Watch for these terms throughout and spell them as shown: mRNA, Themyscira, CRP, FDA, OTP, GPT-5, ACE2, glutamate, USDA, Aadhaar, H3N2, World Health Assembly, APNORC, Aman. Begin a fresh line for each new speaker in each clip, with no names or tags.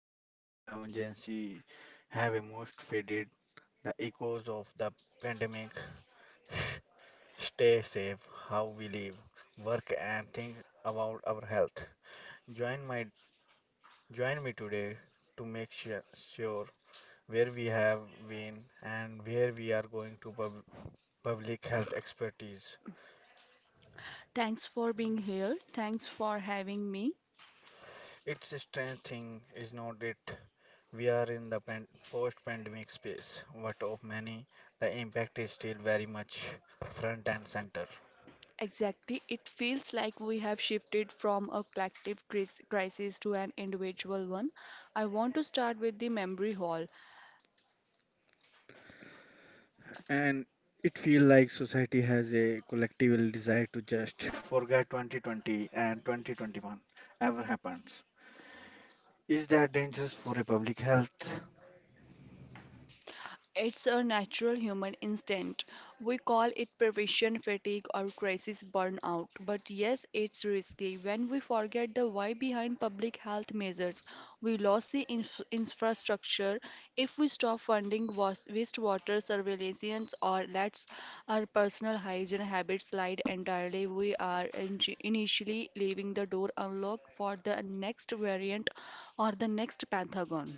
and while the emergency have almost faded, the echoes of the pandemic stay safe, how we live, work, and think about our health. Join my Join me today to sure where we have been and where we are going to public health expertise.
Thanks for being here. Thanks for having me.
It's a strange thing, is not it? We are in the post-pandemic space, but of many, the impact is still very much front and center.
Exactly. It feels like we have shifted from a collective crisis to an individual one. I want to start with the memory hole.
And it feels like society has a collective desire to just forget 2020 and 2021 ever happens. Is that dangerous for a public health?
It's a natural human instinct. We call it prevention fatigue or crisis burnout. But yes, it's risky. When we forget the why behind public health measures, we lose the infrastructure. If we stop funding wastewater surveillance or let our personal hygiene habits slide entirely, we are initially leaving the door unlocked for the next variant or the next pathogen.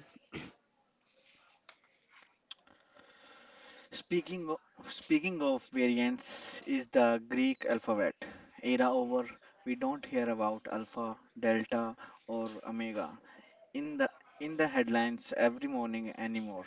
Speaking of variants, is the Greek alphabet era over? We don't hear about alpha, delta, or omega in the in the headlines every morning anymore.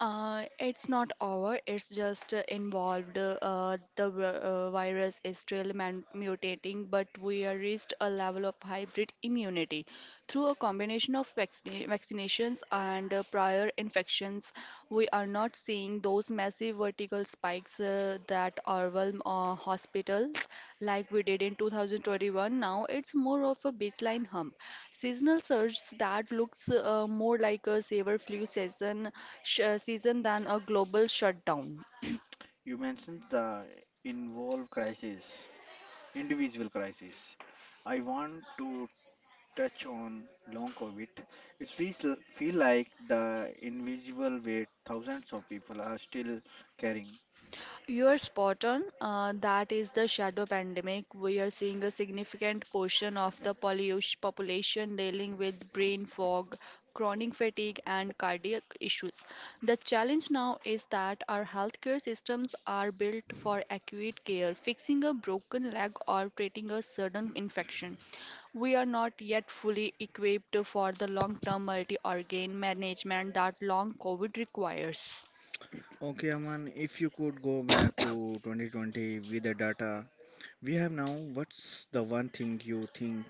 It's not over. It's just involved. The virus is still man mutating, but we are reached a level of hybrid immunity through a combination of vaccinations and prior infections. We are not seeing those massive vertical spikes that overwhelm hospitals like we did in 2021. Now it's more of a baseline hump. Seasonal surge that looks more like a saber flu season season than a global shutdown.
You mentioned the involved crisis, individual crisis. I want to touch on long COVID. Feel like the invisible weight thousands of people are still carrying.
You're spot on. That is the shadow pandemic. We are seeing a significant portion of the pollution population dealing with brain fog, chronic fatigue, and cardiac issues. The challenge now is that our healthcare systems are built for acute care, fixing a broken leg or treating a sudden infection. We are not yet fully equipped for the long-term multi-organ management that long COVID requires.
Okay, Aman, if you could go back to 2020 with the data we have now, what's the one thing you think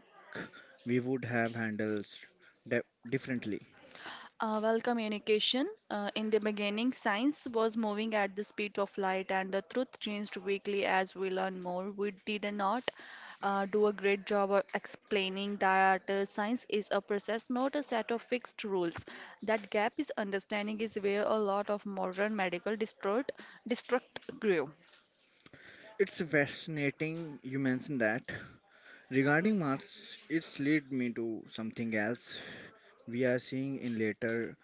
we would have handled de- differently?
Well, communication. In the beginning, science was moving at the speed of light, and the truth changed weekly as we learn more. We did not do a great job of explaining that science is a process, not a set of fixed rules. That gap is understanding is where a lot of modern medical destruct grew.
It's fascinating you mentioned that. Regarding Mars, it's led me to something else we are seeing in later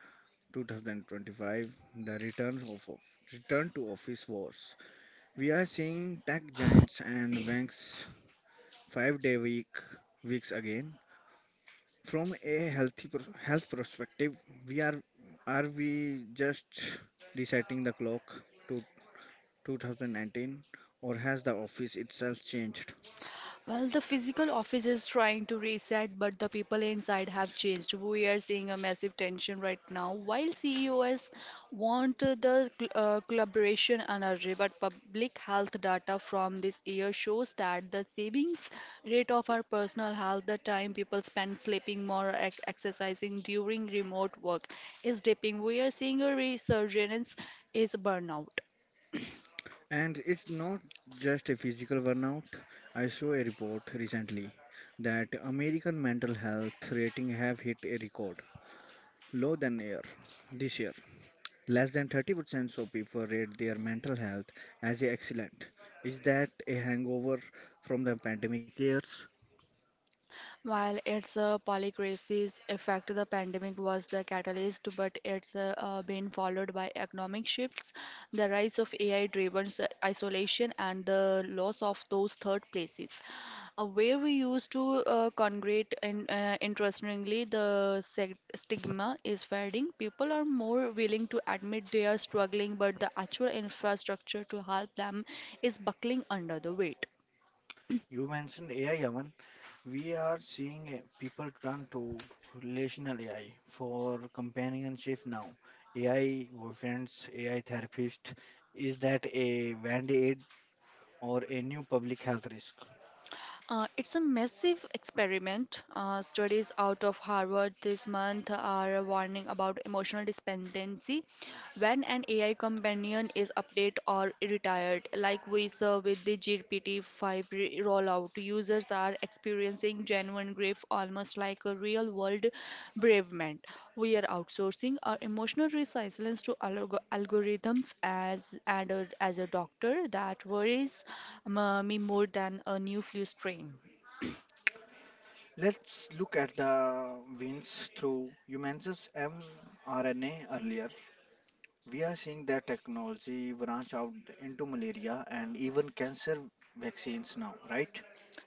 2025, the return to office wars. We are seeing tech giants and banks five-day week weeks again. From a health perspective, we are we just resetting the clock to 2019, or has the office itself changed?
Well, the physical office is trying to reset, but the people inside have changed. We are seeing a massive tension right now. While CEOs want the collaboration energy, but public health data from this year shows that the savings rate of our personal health, the time people spend sleeping more, or exercising during remote work, is dipping. We are seeing a resurgence is burnout.
And it's not just a physical burnout. I saw a report recently that American mental health rating have hit a record low than year this year. Less than 30% of people rate their mental health as excellent. Is that a hangover from the pandemic years?
While its polycrisis effect, the pandemic was the catalyst, but it's been followed by economic shifts, the rise of AI-driven isolation, and the loss of those third places where we used to congregate. And interestingly, the stigma is fading. People are more willing to admit they are struggling, but the actual infrastructure to help them is buckling under the weight.
You mentioned AI, Yaman. We are seeing people turn to relational AI for companionship now. AI boyfriends, AI therapist. Is that a band-aid or a new public health risk?
It's a massive experiment. Studies out of Harvard this month are warning about emotional dependency when an AI companion is updated or retired, like we saw with the GPT-5 rollout, users are experiencing genuine grief almost like a real-world bereavement. We are outsourcing our emotional resilience to algorithms as and as a doctor that worries me more than a new flu strain.
Let's look at the wins through humans' mRNA earlier. We are seeing that technology branch out into malaria and even cancer vaccines now, right?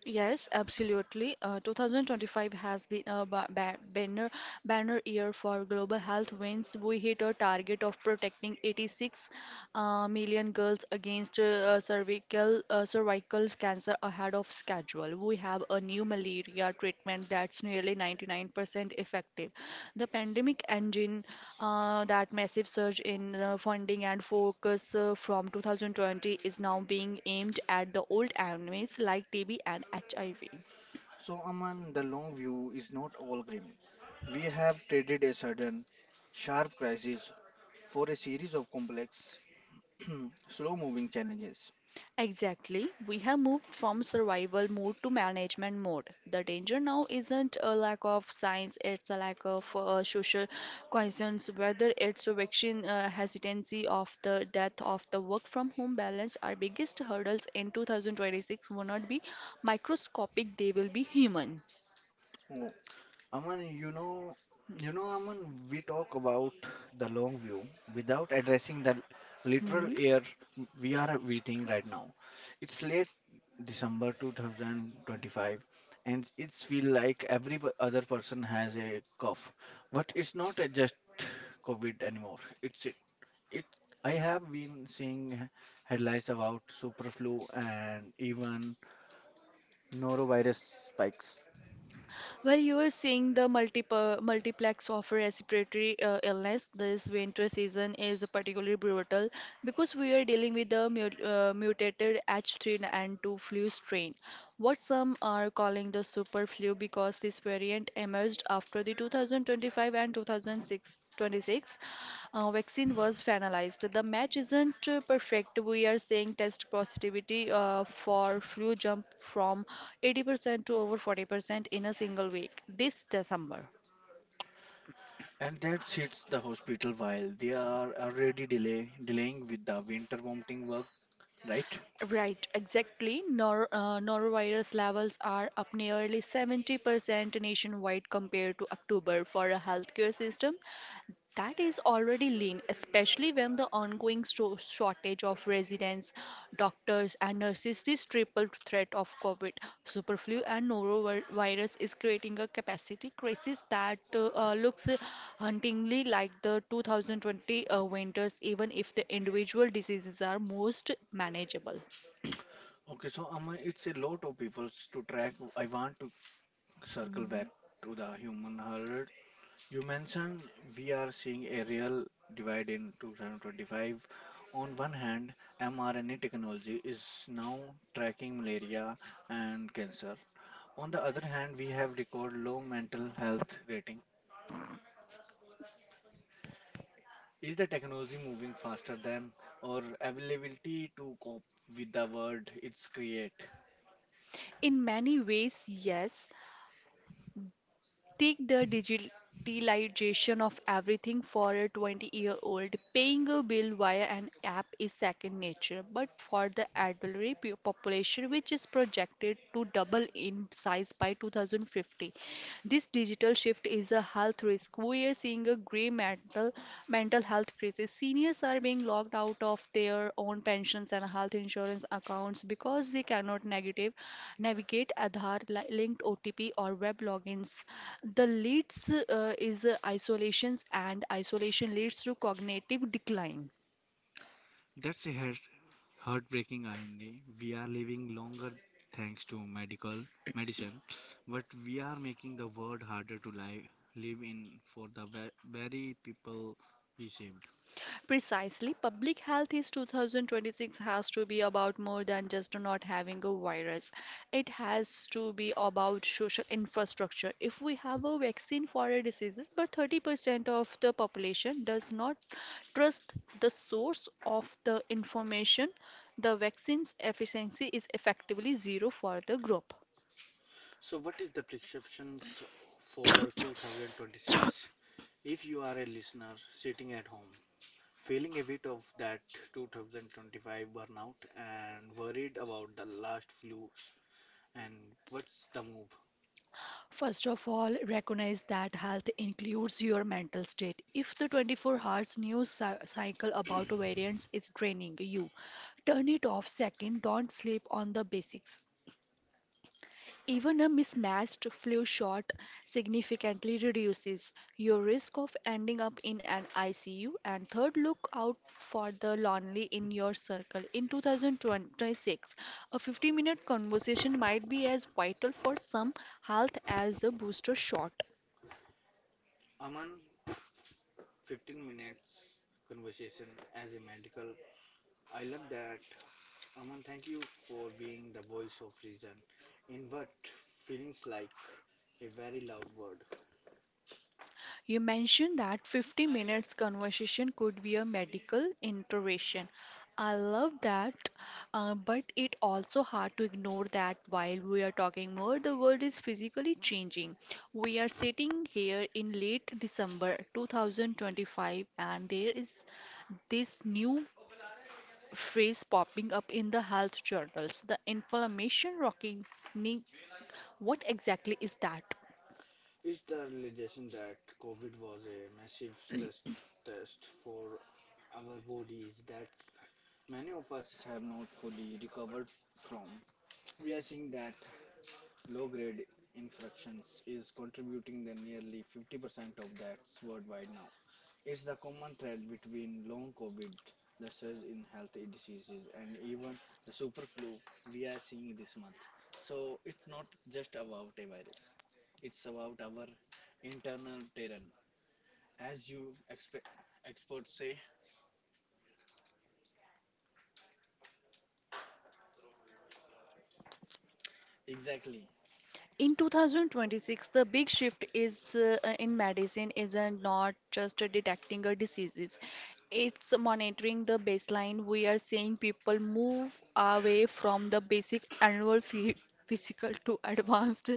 Yes, absolutely. 2025 has been a ba ba banner banner year for global health. Wins we hit a target of protecting 86 million girls against uh, cervical cancer ahead of schedule. We have a new malaria treatment that's nearly 99% effective. The pandemic engine that massive surge in funding and focus from 2020 is now being aimed at the old enemies like TB and HIV.
So, Aman, the long view is not all grim. We have traded a sudden, sharp crisis for a series of complex, slow moving challenges.
Exactly. We have moved from survival mode to management mode. The danger now isn't a lack of science, it's a lack of social concerns, whether it's a vaccine hesitancy of the death of the work from home balance. Our biggest hurdles in 2026 will not be microscopic, they will be human.
Oh, Aman, you know, Aman, we talk about the long view without addressing the literal
Hmm.
year we are within right now. It's late December 2025, and it's feel like every other person has a cough, but it's not just COVID anymore. It's it. It. I have been seeing headlines about super flu and even norovirus spikes.
Well, you are seeing the multiplex of respiratory illness. This winter season is particularly brutal because we are dealing with the mutated H3 n 2 flu strain, what some are calling the super flu because this variant emerged after the 2025 and 2026 vaccine was finalized. The match isn't perfect. We are seeing test positivity for flu jump from 80% to over 40% in a single week this December.
And that hits the hospital while they are already delaying with the winter vomiting work, right?
Right, exactly. Nor norovirus levels are up nearly 70% nationwide compared to October for a healthcare system. That is already lean, especially when the ongoing shortage of residents, doctors, and nurses, this triple threat of COVID, superflu, and norovirus is creating a capacity crisis that looks hauntingly like the 2020 winters, even if the individual diseases are most manageable.
Okay, so Amma, it's a lot of people to track. I want to circle back
Mhm.
to the human herd. You mentioned we are seeing a real divide in 2025. On one hand, mRNA technology is now tracking malaria and cancer. On the other hand, we have record low mental health rating. Is the technology moving faster than our availability to cope with the world it's create?
In many ways, yes, Take the digitalization of everything for a 20-year-old. Paying a bill via an app is second nature, but for the elderly population, which is projected to double in size by 2050, this digital shift is a health risk. We are seeing a great grave mental health crisis. Seniors are being locked out of their own pensions and health insurance accounts because they cannot negative navigate Aadhaar linked OTP or web logins. The leads is isolations and isolation leads to cognitive decline.
That's a heartbreaking irony. We are living longer thanks to medical medicine, but we are making the world harder to live in for the very people we saved.
Precisely, public health is 2026 has to be about more than just not having a virus. It has to be about social infrastructure. If we have a vaccine for a disease, but 30% of the population does not trust the source of the information, the vaccine's efficiency is effectively zero for the group.
So, what is the prescriptions for 2026? If you are a listener sitting at home feeling a bit of that 2025 burnout and worried about the last flus and what's the move.
First of all, recognize that health includes your mental state. If the 24 hours news cycle about variants is draining you, turn it off. Second, don't sleep on the basics. Even a mismatched flu shot significantly reduces your risk of ending up in an ICU. And third, look out for the lonely in your circle. In 2026, a 50-minute conversation might be as vital for some health as a booster shot.
Aman, 15 minutes conversation as a medical. I love that. Aman, thank you for being the voice of reason in what feelings like a very loud word.
You mentioned that 50 minutes conversation could be a medical intervention. I love that, but it also hard to ignore that while we are talking more, the world is physically changing. We are sitting here in late December 2025, and there is this new phrase popping up in the health journals, the inflammation rocking knee. What exactly is that?
Is the realization that COVID was a massive stress test for our bodies that many of us have not fully recovered from. We are seeing that low grade infractions is contributing the nearly 50% of that worldwide now. It's the common thread between long COVID, the surge in health diseases, and even the super flu we are seeing this month. So it's not just about a virus, it's about our internal terrain. As you experts say, exactly.
In 2026, the big shift is in medicine isn't not just detecting a diseases. It's monitoring the baseline. We are seeing people move away from the basic annual physical to advanced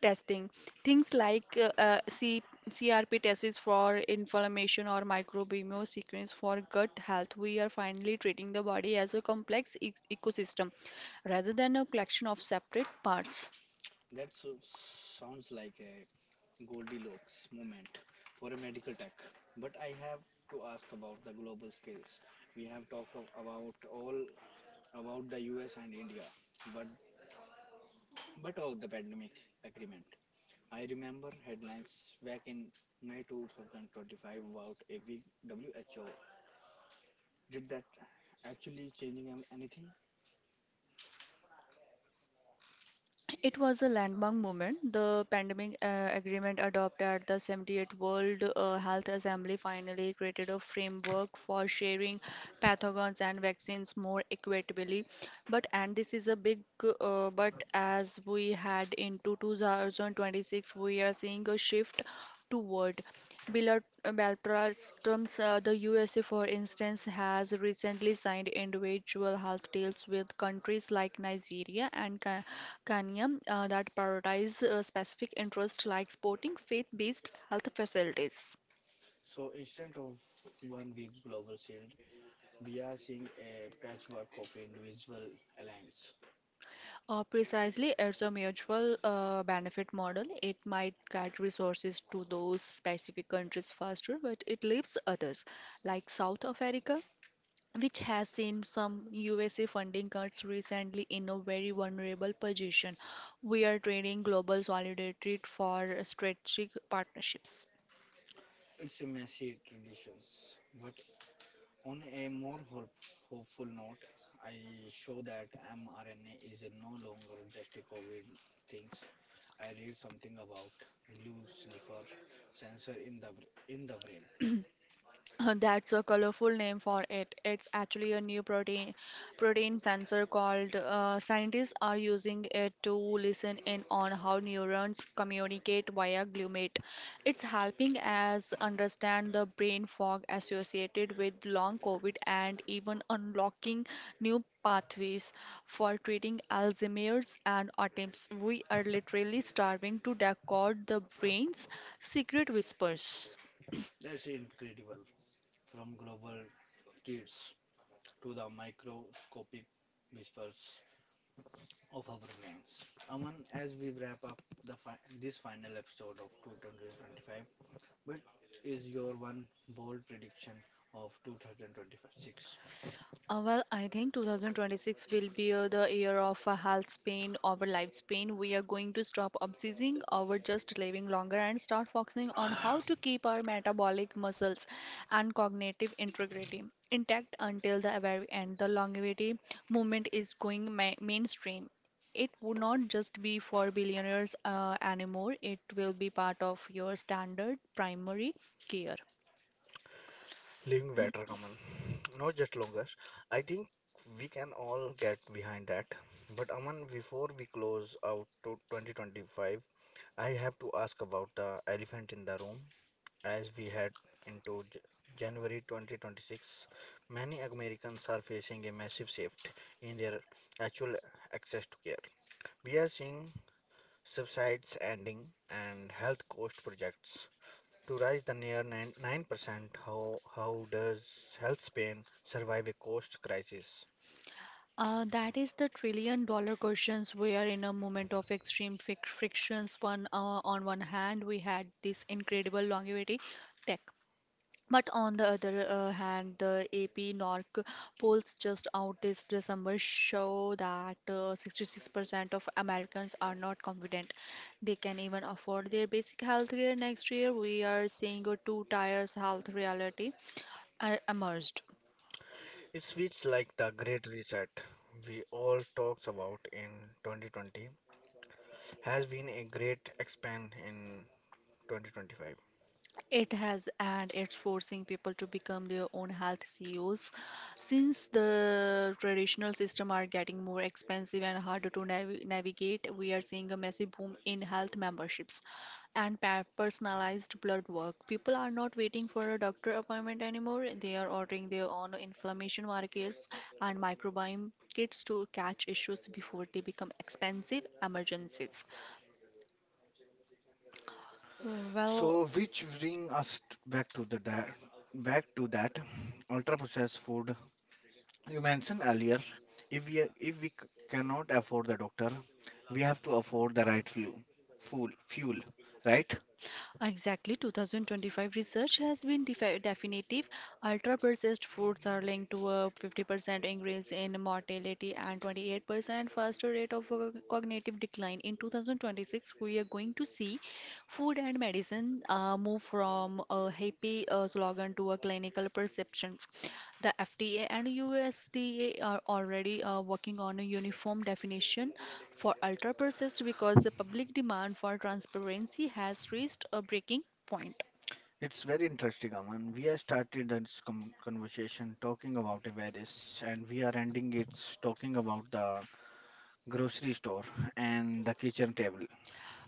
testing. Things like C CRP tests for inflammation or microbiome sequence for gut health. We are finally treating the body as a complex ecosystem rather than a collection of separate parts.
That sounds like a Goldilocks moment for a medical tech. But I have to ask about the global scales. We have about all about the US and India, but but about the pandemic agreement. I remember headlines back in May 2025 about a week WHO. Did that actually changing anything?
It was a landmark moment. The pandemic agreement adopted at the 78th World Health Assembly finally created a framework for sharing pathogens and vaccines more equitably. But and this is a big but as we head into 2026, we are seeing a shift toward bilateralisms. The USA, for instance, has recently signed individual health deals with countries like Nigeria and Kanya that prioritize specific interests like sporting, faith-based health facilities.
So instead of 1 week global shield, we are seeing a patchwork of individual alliance.
Precisely, it's a mutual benefit model. It might get resources to those specific countries faster, but it leaves others, like South Africa, which has seen some USA funding cuts recently in a very vulnerable position. We are trading global solidarity for strategic partnerships.
It's a messy traditions. What? On a more hopeful note, I show that mRNA is no longer just a COVID things. I read something about glue sniffer sensor in the in the brain.
That's a colorful name for it. It's actually a new protein sensor called scientists are using it to listen in on how neurons communicate via glutamate. It's helping us understand the brain fog associated with long COVID and even unlocking new pathways for treating Alzheimer's and autism. We are literally starving to decode the brain's secret whispers.
That's incredible. From global tweets to the microscopic whispers of our brains. Aman, as we wrap up the this final episode of 2025, what is your one bold prediction of 2026?
Well, I think 2026 will be the year of health span, our lifespan. We are going to stop obsessing over just living longer and start focusing on how to keep our metabolic muscles and cognitive integrity intact until the very end. The longevity movement is going mainstream. It would not just be for billionaires anymore. It will be part of your standard primary care.
Living better, common, not just longer. I think we can all get behind that. But Aman, before we close out to 2025, I have to ask about the elephant in the room. As we head into January 2026, many Americans are facing a massive shift in their actual access to care. We are seeing subsides ending and health cost projects to rise the 9%, how does health Spain survive a cost crisis?
That is the trillion dollar questions. We are in a moment of extreme frictions. One, on one hand, we had this incredible longevity tech. But on the other hand, the AP NORC polls just out this December show that 66% of Americans are not confident they can even afford their basic health care next year. We are seeing a two tiers health reality emerged.
It feels like the Great Reset we all talks about in 2020 has been a great expand in 2025.
It has, and it's forcing people to become their own health CEOs. Since the traditional system are getting more expensive and harder to navigate, we are seeing a massive boom in health memberships and personalized blood work. People are not waiting for a doctor appointment anymore. They are ordering their own inflammation markers and microbiome kits to catch issues before they become expensive emergencies. Well,
So, which back to back to that ultra processed food you mentioned earlier. If we cannot afford the doctor, we have to afford the right fuel, right?
Exactly, 2025 research has been definitive. Ultra processed foods are linked to a 50% increase in mortality and 28% faster rate of cognitive decline. In 2026, we are going to see food and medicine move from a happy slogan to a clinical perceptions. The FDA and USDA are already working on a uniform definition for Ultra persist because the public demand for transparency has reached a breaking point.
It's very interesting, Aman. We have started this conversation talking about a various, and we are ending it talking about the grocery store and the kitchen table.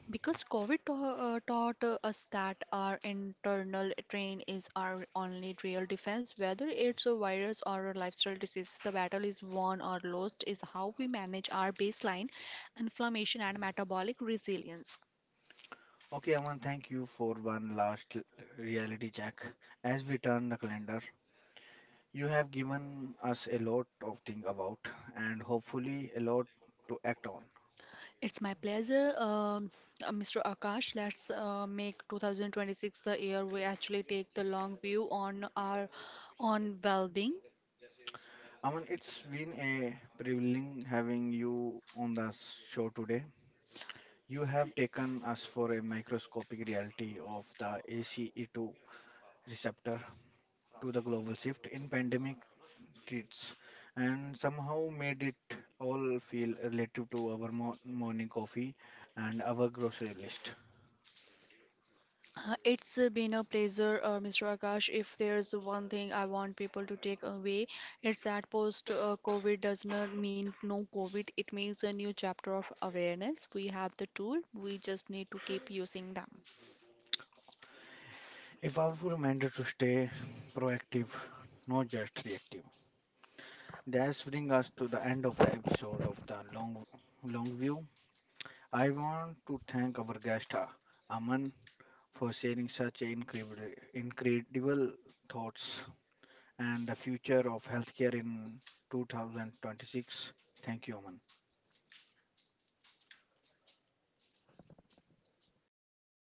Because COVID taught us that our internal train is our only real defense, whether it's a virus or a lifestyle disease, the battle is won or lost is how we manage our baseline inflammation and metabolic resilience.
Okay, Aman, thank you for one reality check. As we turn the calendar, you have given us a lot of things about, and hopefully a lot to act on.
It's my pleasure, Mr. Akash. Let's make 2026 the year we actually take the long view on our on well-being.
Aman, it's been a privilege having you on the show today. You have taken us for a microscopic reality of the ACE2 receptor to the global shift in pandemic treats and somehow made it all feel relative to our morning coffee and our grocery list.
It's been a pleasure, Mr. Akash. If there's one thing I want people to take away, it's that post-COVID does not mean no COVID. It means a new chapter of awareness. We have the tool. We just need to keep using them.
A powerful reminder to stay proactive, not just reactive. That's bring us to the end of the episode of the long view. I want to thank our guest Aman for sharing such incredible thoughts and the future of healthcare in 2026. Thank you, Aman.